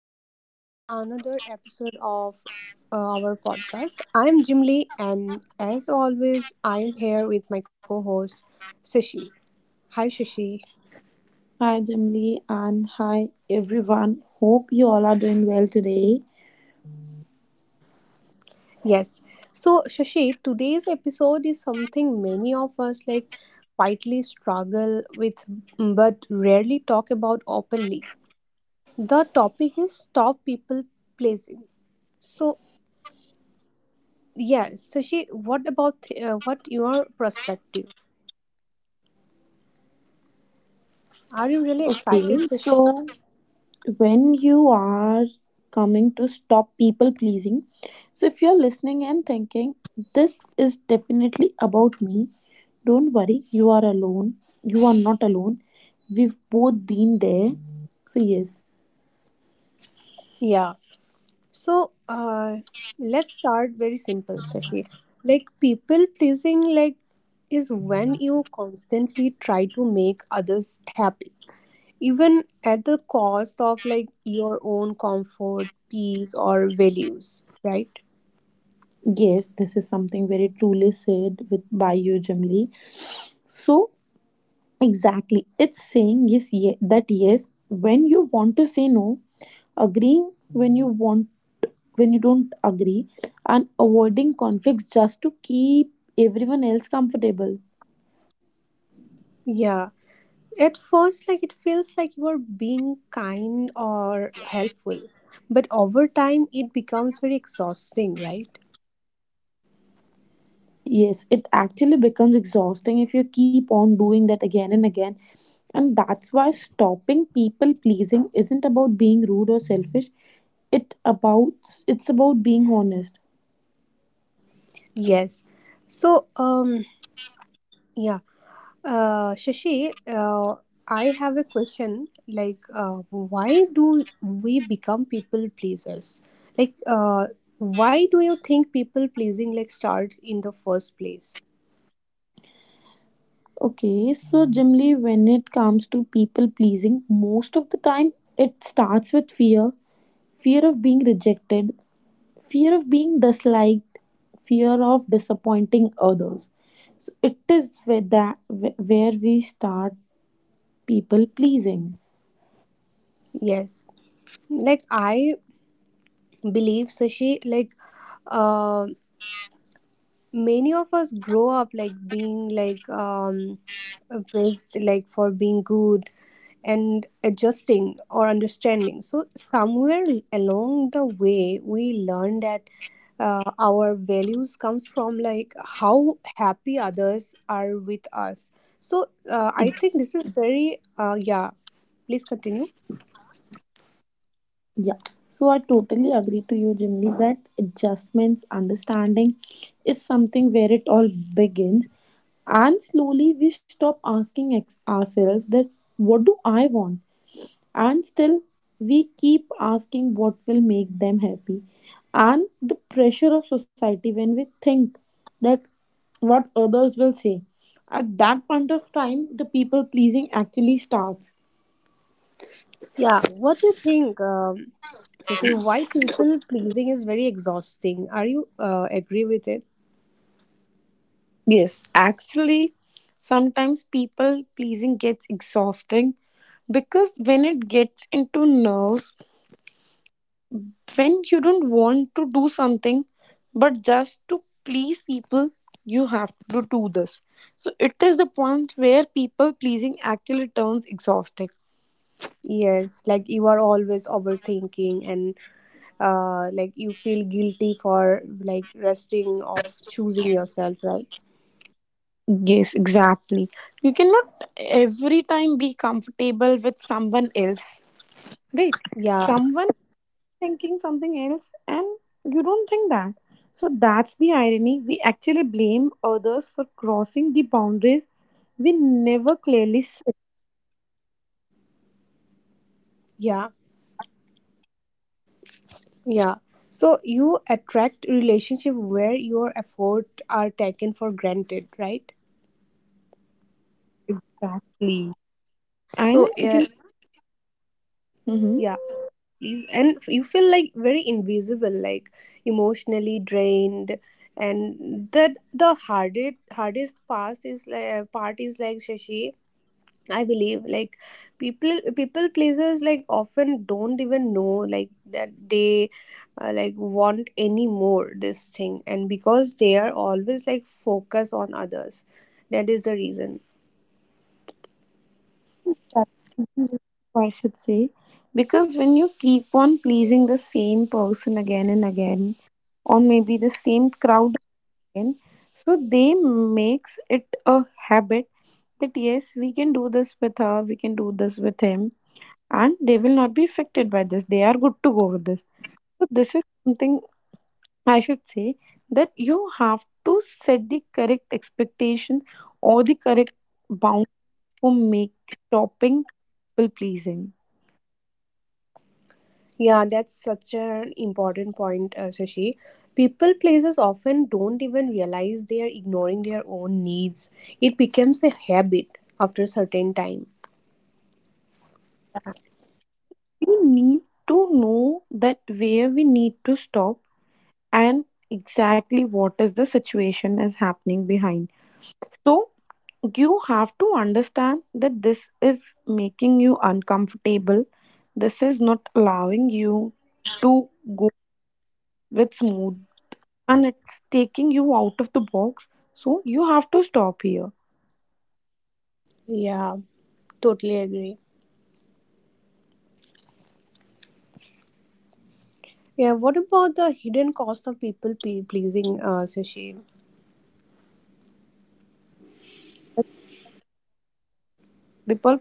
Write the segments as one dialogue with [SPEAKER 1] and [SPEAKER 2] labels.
[SPEAKER 1] Welcome back to another episode of our podcast. I'm Jim Lee, and as always, I'm here with my co host, Shashi. Hi, Shashi.
[SPEAKER 2] Hi, Jimly, and hi, everyone. Hope you all are doing well today.
[SPEAKER 1] Yes. So, Shashi, today's episode is something many of us like quietly struggle with but rarely talk about openly. The topic is top people pleasing. So, yeah, Shashi, what your perspective? Are you really excited,
[SPEAKER 2] Okay,
[SPEAKER 1] Shashi?
[SPEAKER 2] so when you are coming to stop people pleasing, so if you're listening and thinking, this is definitely about me, don't worry, you are alone. You are not alone. We've both been there. So, yes,
[SPEAKER 1] Yeah. So let's start very simple, Shashi. Like people pleasing, like is when you constantly try to make others happy, even at the cost of like your own comfort, peace, or values, right?
[SPEAKER 2] yes, this is something very truly said with by you, Jimly. So, exactly. It's saying yes, that yes when you want to say no, agreeing when you want when you don't agree, and avoiding conflicts just to keep everyone else comfortable.
[SPEAKER 1] Yeah. At first, like it feels like you are being kind or helpful, but over time it becomes very exhausting, right?
[SPEAKER 2] Yes, it actually becomes exhausting if you keep on doing that again and again. And that's why stopping people pleasing isn't about being rude or selfish. It about it's about being honest.
[SPEAKER 1] Yes. So, yeah. Shashi, I have a question. Why do we become people pleasers? Like, uh, why do you think people pleasing like starts in the first place?
[SPEAKER 2] Okay, so generally, when it comes to people pleasing, most of the time it starts with fear of being rejected, fear of being disliked, fear of disappointing others. So it is where, that, where we start people pleasing.
[SPEAKER 1] Yes. Like I believe, Sashi, like um many of us grow up like being like praised like for being good and adjusting or understanding, so somewhere along the way we learn that our values comes from like how happy others are with us. So I
[SPEAKER 2] Ex-
[SPEAKER 1] think this is very yeah, please continue.
[SPEAKER 2] Yeah, so I totally agree to you, Jimmy, that adjustments, understanding is something where it all begins. And slowly we stop asking ourselves that what do I want? And still we keep asking what will make them happy. And the pressure of society when we think that what others will say. At that point of time, the people pleasing actually starts.
[SPEAKER 1] Yeah, what do you think, Sasi, why people pleasing is very exhausting? Are you agree with it?
[SPEAKER 2] Yes, actually, sometimes people pleasing gets exhausting because when it gets into nerves, when you don't want to do something but just to please people, you have to do this. So it is the point where people pleasing actually turns exhausting.
[SPEAKER 1] Yes, like you are always overthinking, and like you feel guilty for like resting of choosing yourself, right?
[SPEAKER 2] Yes, exactly. You cannot every time be comfortable with someone else, right?
[SPEAKER 1] Yeah,
[SPEAKER 2] Someone thinking something else and you don't think that. So that's the irony. We actually blame others for crossing the boundaries we never clearly set.
[SPEAKER 1] yeah, yeah. So you attract relationship where your effort are taken for granted, right?
[SPEAKER 2] Exactly. And
[SPEAKER 1] So
[SPEAKER 2] you
[SPEAKER 1] yeah,
[SPEAKER 2] know, mhm,
[SPEAKER 1] yeah. And you feel like very invisible, like emotionally drained, and that the hardest part is like, Shashi, I believe like people pleasers like often don't even know like that they like want any more this thing, and because they are always like focus on others, that is the reason.
[SPEAKER 2] that's something I should say, because when you keep on pleasing the same person again and again, or maybe the same crowd again, so they makes it a habit that yes, we can do this with her, we can do this with him, and they will not be affected by this, they are good to go with this. So this is something I should say, that you have to set the correct expectations or the correct bound for make stopping people pleasing.
[SPEAKER 1] Yeah, that's such an important point, Shashi. People pleasers often don't even realize they are ignoring their own needs. It becomes a habit after a certain time.
[SPEAKER 2] We need to know that where we need to stop and exactly what is the situation is happening behind. So you have to understand that this is making you uncomfortable. This is not allowing you to go with smooth, and it's taking you out of the box. So you have to stop here.
[SPEAKER 1] Yeah, totally agree. Yeah, what about the hidden cost of pleasing, Sushil?
[SPEAKER 2] People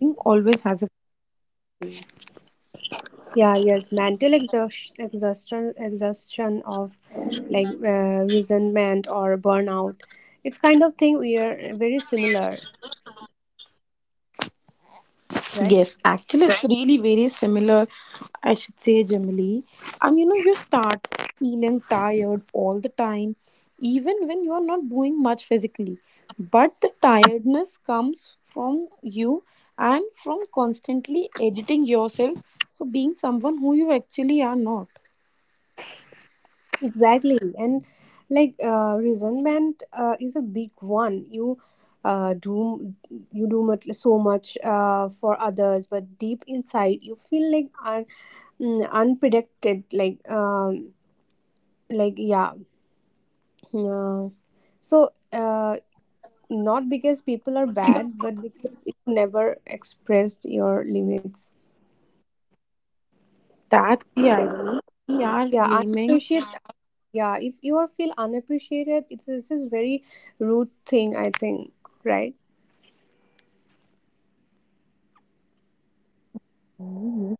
[SPEAKER 2] pleasing always has a—
[SPEAKER 1] Yeah, yes, mental exhaustion, exhaustion of like resentment or burnout. It's kind of thing we are very similar, right?
[SPEAKER 2] yes, actually, it's really very similar, I should say, Jamili. And you know, you start feeling tired all the time, even when you are not doing much physically. But the tiredness comes from you and from constantly editing yourself for being someone who you actually are not.
[SPEAKER 1] Exactly, and like resentment is a big one. Uh, do you do much, so much, for others, but deep inside you feel like unpredicted, like yeah. Yeah. So, not because people are bad, but because you never expressed your limits.
[SPEAKER 2] That's the irony. We are
[SPEAKER 1] Yeah,
[SPEAKER 2] blaming.
[SPEAKER 1] unappreciate. Yeah, if you are feel unappreciated, it's this very rude thing, I think, right?
[SPEAKER 2] Oh, yes,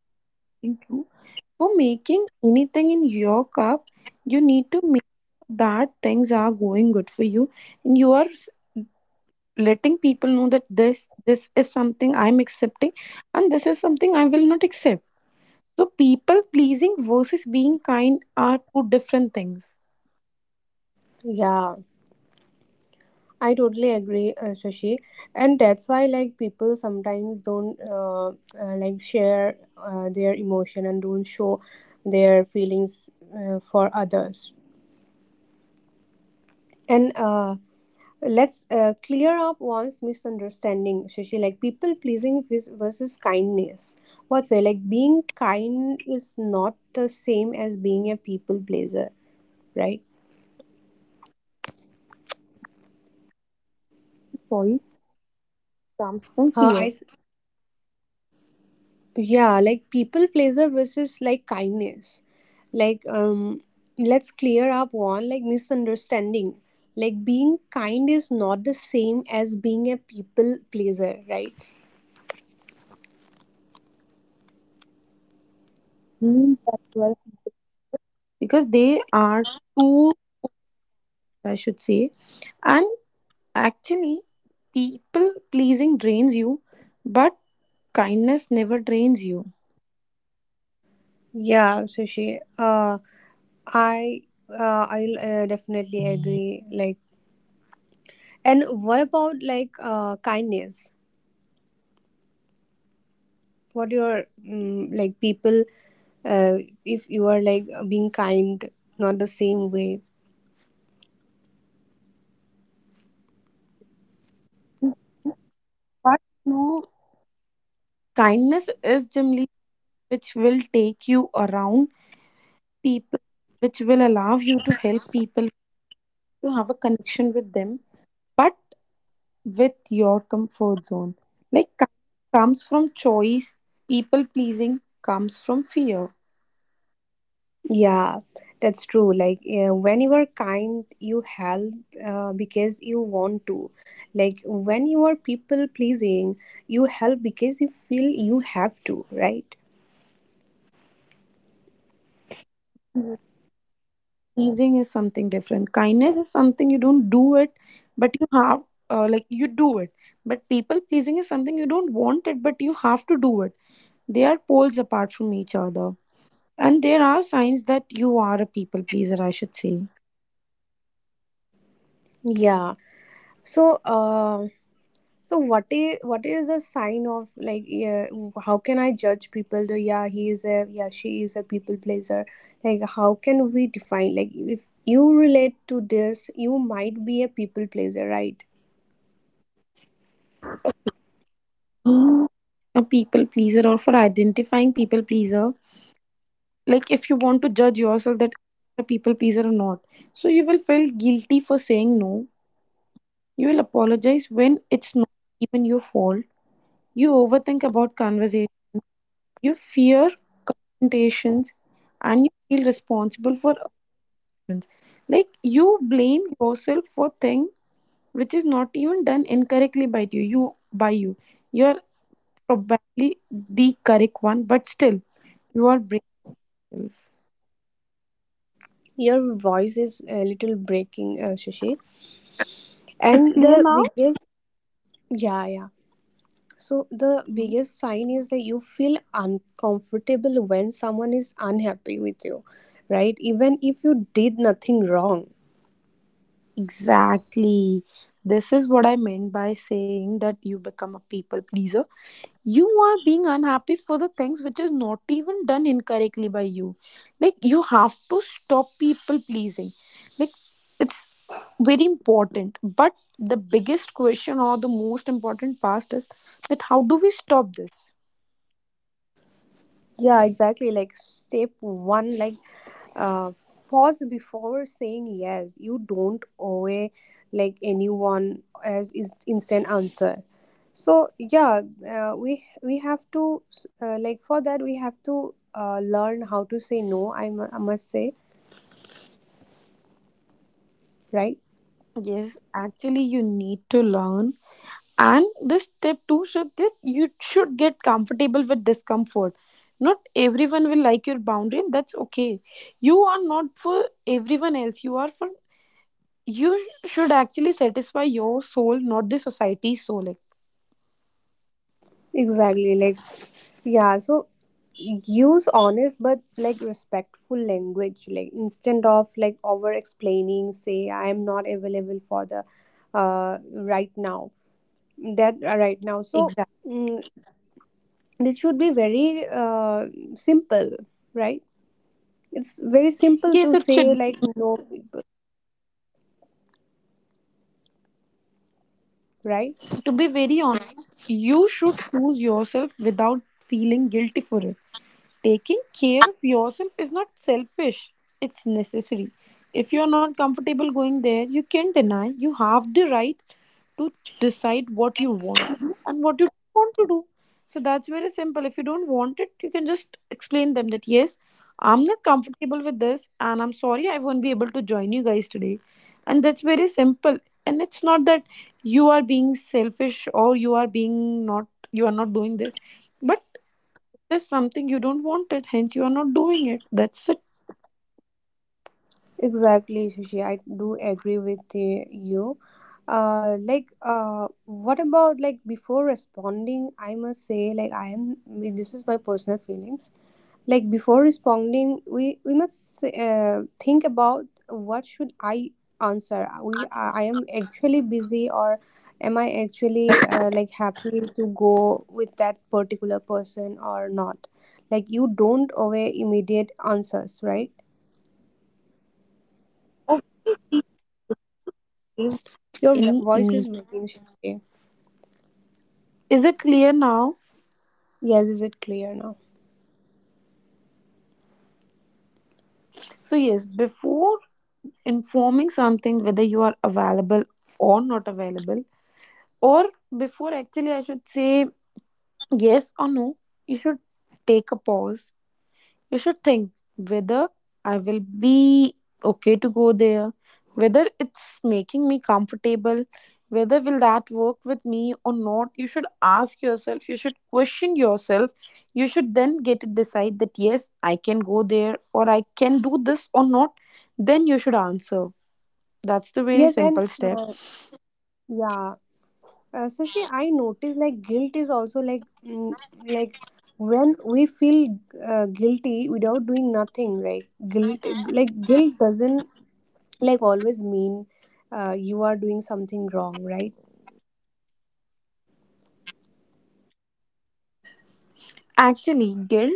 [SPEAKER 2] very true. For making anything in your cup, you need to make sure that things are going good for you and you are letting people know that this is something I'm accepting and this is something I will not accept. So people pleasing versus being kind are two different things.
[SPEAKER 1] Yeah, I totally agree, Shashi, and that's why like people sometimes don't like share their emotion and don't show their feelings for others. And let's clear up one's misunderstanding, Shashi. Like people pleasing versus kindness. What's it like? Being kind is not the same as being a people pleaser, right?
[SPEAKER 2] Choice comes from
[SPEAKER 1] Uh, I
[SPEAKER 2] fear.
[SPEAKER 1] s- yeah, like people pleaser versus like kindness. Like let's clear up one like misunderstanding. Like being kind is not the same as being a people pleaser, right?
[SPEAKER 2] Means that you are people, because they are two, I should say, and actually people pleasing drains you, but kindness never drains you.
[SPEAKER 1] Yeah, Sushi. I I'll definitely agree. Like, and what about like kindness? What your like people? Uh, if you are like being kind, not the same way.
[SPEAKER 2] But no, kindness is generally which will take you around people, which will allow you to help people, to have a connection with them, but with your comfort zone. Like, kindness comes from choice, people pleasing comes from fear.
[SPEAKER 1] Yeah, that's true. Like, when you are kind, you help because you want to. Like, when you are people pleasing, you help because you feel you have to, right?
[SPEAKER 2] Pleasing is something different. Kindness is something you don't do it, but you have, like, you do it. But people pleasing is something you don't want it, but you have to do it. They are poles apart from each other. And there are signs that you are a people pleaser, I should say.
[SPEAKER 1] Yeah. So, so what is a sign of like, yeah, how can I judge people, though? Yeah, he is a, yeah, she is a people pleaser. Like how can we define, like, if you relate to this you might be a people pleaser, right?
[SPEAKER 2] Being a people pleaser, or for identifying people pleaser, like, if you want to judge yourself that you're a people pleaser or not, so you will feel guilty for saying no. You will apologize when it's not even your fault. You overthink about conversation. You fear confrontations, and you feel responsible for actions. Like, you blame yourself for thing which is not even done incorrectly by you. You're probably the correct one, but still, you are brave.
[SPEAKER 1] Your voice is a little breaking, Shashi.
[SPEAKER 2] It's
[SPEAKER 1] And
[SPEAKER 2] clear
[SPEAKER 1] the
[SPEAKER 2] now?
[SPEAKER 1] biggest, yeah, yeah, so the
[SPEAKER 2] Mhm.
[SPEAKER 1] biggest sign is that you feel uncomfortable when someone is unhappy with you, right, even if you did nothing wrong.
[SPEAKER 2] Exactly. This is what I meant by saying that you become a people pleaser. You are being unhappy for the things which is not even done incorrectly by you. Like, you have to stop people pleasing. Like, it's very important. But the biggest question, or the most important part, is that how do we stop this?
[SPEAKER 1] Yeah, exactly. Like step one, like uh, pause before saying yes. You don't owe a, like, anyone as is instant answer. So yeah, we have to like, for that we have to learn how to say no. I must say, right.
[SPEAKER 2] Yes, actually, you need to learn. And this step two should, this, you should get comfortable with discomfort. Not everyone will like your boundary, and that's okay. You are not for everyone else. You are for you. Should actually satisfy your soul, not the society's soul.
[SPEAKER 1] Exactly. Like, yeah, so use honest but like respectful language, like instead of like over explaining, say I am not available for the right now. That Right now. So
[SPEAKER 2] Exactly.
[SPEAKER 1] mm, this should be very simple, right? It's very simple
[SPEAKER 2] Yes,
[SPEAKER 1] to
[SPEAKER 2] it
[SPEAKER 1] say
[SPEAKER 2] should.
[SPEAKER 1] like no, people, right?
[SPEAKER 2] To be very honest, you should choose yourself without feeling guilty for it. Taking care of yourself is not selfish, it's necessary. If you are not comfortable going there, you can deny. You have the right to decide what you want to do and what you don't want to do. So that's very simple. If you don't want it, you can just explain them that yes, I'm not comfortable with this, and I'm sorry, I won't be able to join you guys today. And that's very simple. And it's not that you are being selfish, or you are being not, you are not doing this. But there's something you don't want it, hence you are not doing it. That's it.
[SPEAKER 1] Exactly, Shashi. I do agree with you. Like, what about like before responding? I must say, like, I am. This is my personal feelings. Like before responding, we must think about what should I answer. We I am actually busy, or am I actually like happy to go with that particular person or not? Like, you don't obey immediate answers, right? Your
[SPEAKER 2] Any
[SPEAKER 1] voice
[SPEAKER 2] immediate.
[SPEAKER 1] is breaking, Shashi.
[SPEAKER 2] Is it clear now?
[SPEAKER 1] Yes, is it clear now?
[SPEAKER 2] So yes, before informing something whether you are available or not available, or before, actually, I should say, yes or no, you should take a pause. You should think whether I will be okay to go there, whether it's making me comfortable, whether will that work with me or not. You should ask yourself, you should question yourself, you should then get it decide that yes, I can go there, or I can do this or not. Then you should answer. That's the very
[SPEAKER 1] Yes, and
[SPEAKER 2] simple step.
[SPEAKER 1] uh, yeah, so she, I noticed like guilt is also like, like, when we feel guilty without doing nothing, right? Guilt doesn't like always mean you are doing something wrong, right?
[SPEAKER 2] Actually, guilt is something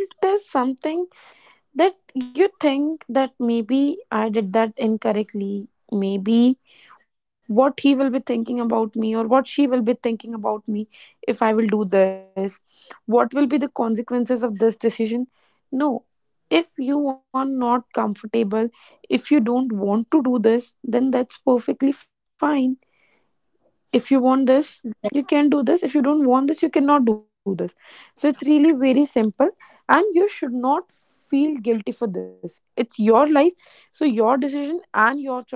[SPEAKER 2] that you think that maybe I did that incorrectly. Maybe what he will be thinking about me, or what she will be thinking about me, if I will do this. What will be the consequences of this decision? No. If you are not comfortable, if you don't want to do this, then that's perfectly fine. If you want this, you can do this. If you don't want this, you cannot do this. So it's really very simple. And you should not feel guilty for this. It's your life, so your decision and your choices are that what matters.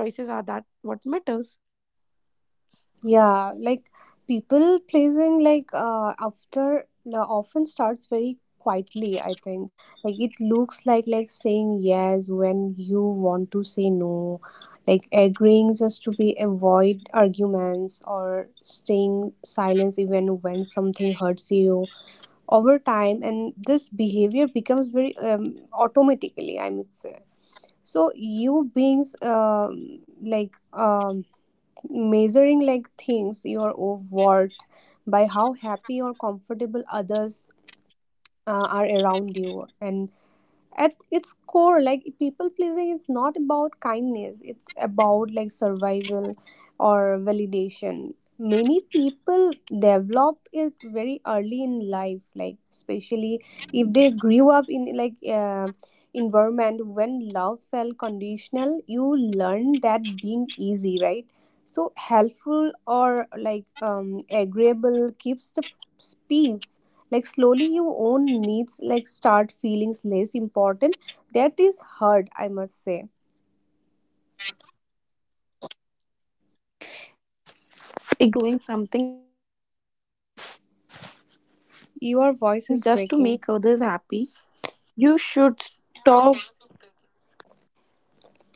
[SPEAKER 1] Yeah, like people pleasing, like, after no, often starts very quietly, I think. Like it looks like, saying yes when you want to say no, like agreeing just to be avoid arguments or staying silence even when something hurts you over time, and this behavior becomes very automatically, I would say. So, you beings, like, measuring like things your worth by how happy or comfortable others are around you, and at its core like people pleasing is not about kindness, it's about like survival or validation. Many people develop it very early in life, like especially if they grew up in like environment when love felt conditional. You learn that being easy, right, so helpful, or like agreeable, keeps the peace. Like slowly your own needs like start feeling less important. That is hard, I must say.
[SPEAKER 2] Exactly, if you are in a situation where you are doing something just to make others happy,
[SPEAKER 1] Your
[SPEAKER 2] you
[SPEAKER 1] voice is
[SPEAKER 2] should
[SPEAKER 1] breaking.
[SPEAKER 2] stop.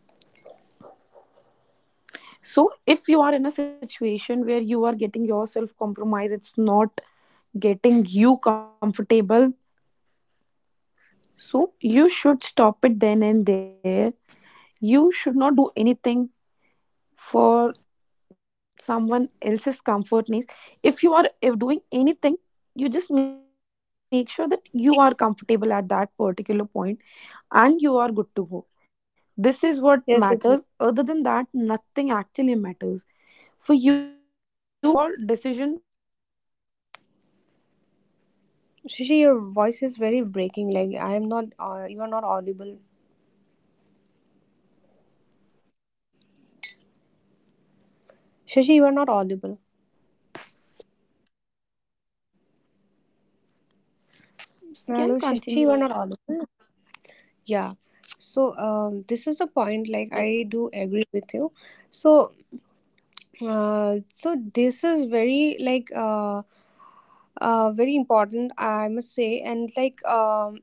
[SPEAKER 2] So if you are in a situation where you are getting yourself compromised, it's not getting you comfortable. So you should stop it then and there. You should not do anything for someone else's comfort needs. If you are, if doing anything, you just make sure that you are comfortable at that particular point and you are good to go. This is what matters. Other than that, nothing actually
[SPEAKER 1] Yes, it
[SPEAKER 2] matters.
[SPEAKER 1] is.
[SPEAKER 2] For you, your comfort should be the first priority, and your decision making should be very strong.
[SPEAKER 1] Shashi,
[SPEAKER 2] That's
[SPEAKER 1] your voice
[SPEAKER 2] it.
[SPEAKER 1] is very breaking. Like I am not. You are not audible.
[SPEAKER 2] Jimli, I can hear you
[SPEAKER 1] Shashi, you are
[SPEAKER 2] very
[SPEAKER 1] not audible.
[SPEAKER 2] clearly. Jimli, I can hear you very clearly. You are
[SPEAKER 1] Hello,
[SPEAKER 2] audible.
[SPEAKER 1] Shashi,
[SPEAKER 2] You
[SPEAKER 1] you are
[SPEAKER 2] can
[SPEAKER 1] not audible.
[SPEAKER 2] continue as you.
[SPEAKER 1] Yeah. So this is the point. Like I do agree with you. So so this is very like very important, I must say, and like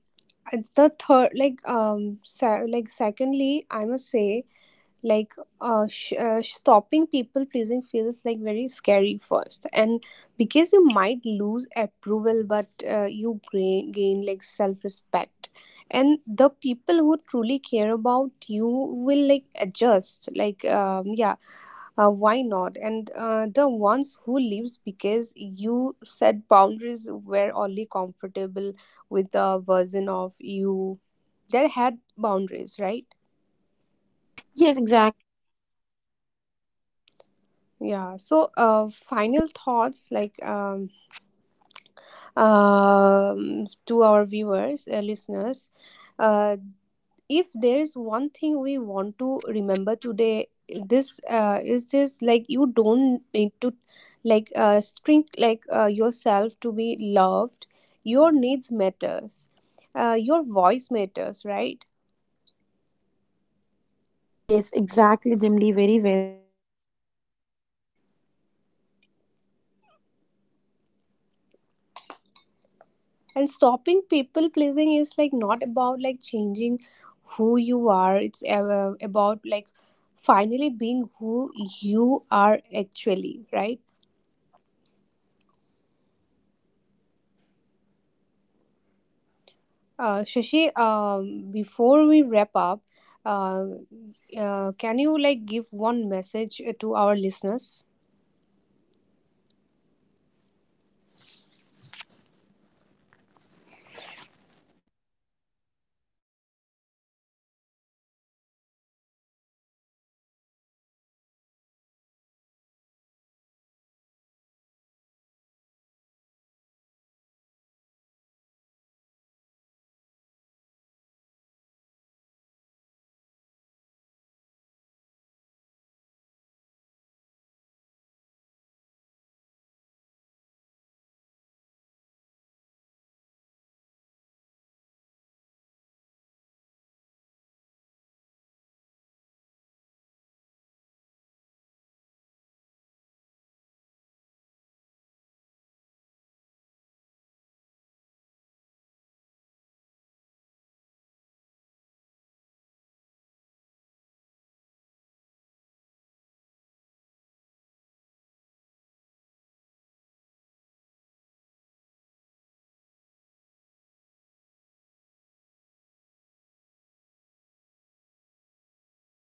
[SPEAKER 1] it's the third like, like, secondly, I must say, like, stopping people pleasing feels like very scary first, and because you might lose approval, but you gain like self respect, and the people who truly care about you will like adjust like, yeah, why not. And the ones who leaves because you set boundaries were only comfortable with the version of you that had boundaries, right?
[SPEAKER 2] Yes, exactly. If someone wants you
[SPEAKER 1] Yeah. So,
[SPEAKER 2] to be,
[SPEAKER 1] final thoughts like, to our viewers, listeners, uh, if there is one thing we want to remember today, this is this: like you don't need to like shrink like yourself to be loved. Your needs matters. Your voice matters, right?
[SPEAKER 2] yes, exactly, Jimli, very well said. Your decision power and your choice is something that matters a lot.
[SPEAKER 1] And stopping people pleasing is like not about like changing
[SPEAKER 2] So,
[SPEAKER 1] who
[SPEAKER 2] thank you
[SPEAKER 1] you
[SPEAKER 2] so
[SPEAKER 1] are.
[SPEAKER 2] very
[SPEAKER 1] It's
[SPEAKER 2] much to all the
[SPEAKER 1] about like
[SPEAKER 2] beautiful listeners
[SPEAKER 1] finally being
[SPEAKER 2] for
[SPEAKER 1] who
[SPEAKER 2] joining us
[SPEAKER 1] you
[SPEAKER 2] today.
[SPEAKER 1] are,
[SPEAKER 2] And
[SPEAKER 1] actually,
[SPEAKER 2] thank you,
[SPEAKER 1] right?
[SPEAKER 2] Jimly. I was overwhelmed to have this discussion with you. Thank you, everyone. Bye bye. Bye, Jimly.
[SPEAKER 1] Shashi, before we wrap up, uh, can you like give one message to our listeners?
[SPEAKER 2] Ha. बेटा मेरे को तेरी आवाज़ एक भी बार नहीं कटी, मेरे नेटवर्क में कोई दिक्कत नहीं है। मैंने पूरा पॉडकास्ट बहुत अच्छे से तेरी है। भाई पूरी रिकॉर्डिंग में मेरी आवाज रिकॉर्ड हो रही थी, तो नींद में भाई तेरे उस क्लैप्स आमिर में नेटवर्क नहीं है। कोई बात नहीं। कर रही हूँ, हो ही नहीं रहा है, रुक जा। मैं खाना खा रही हूँ, मेरा मूड खराब हो गया। बाय। क्या।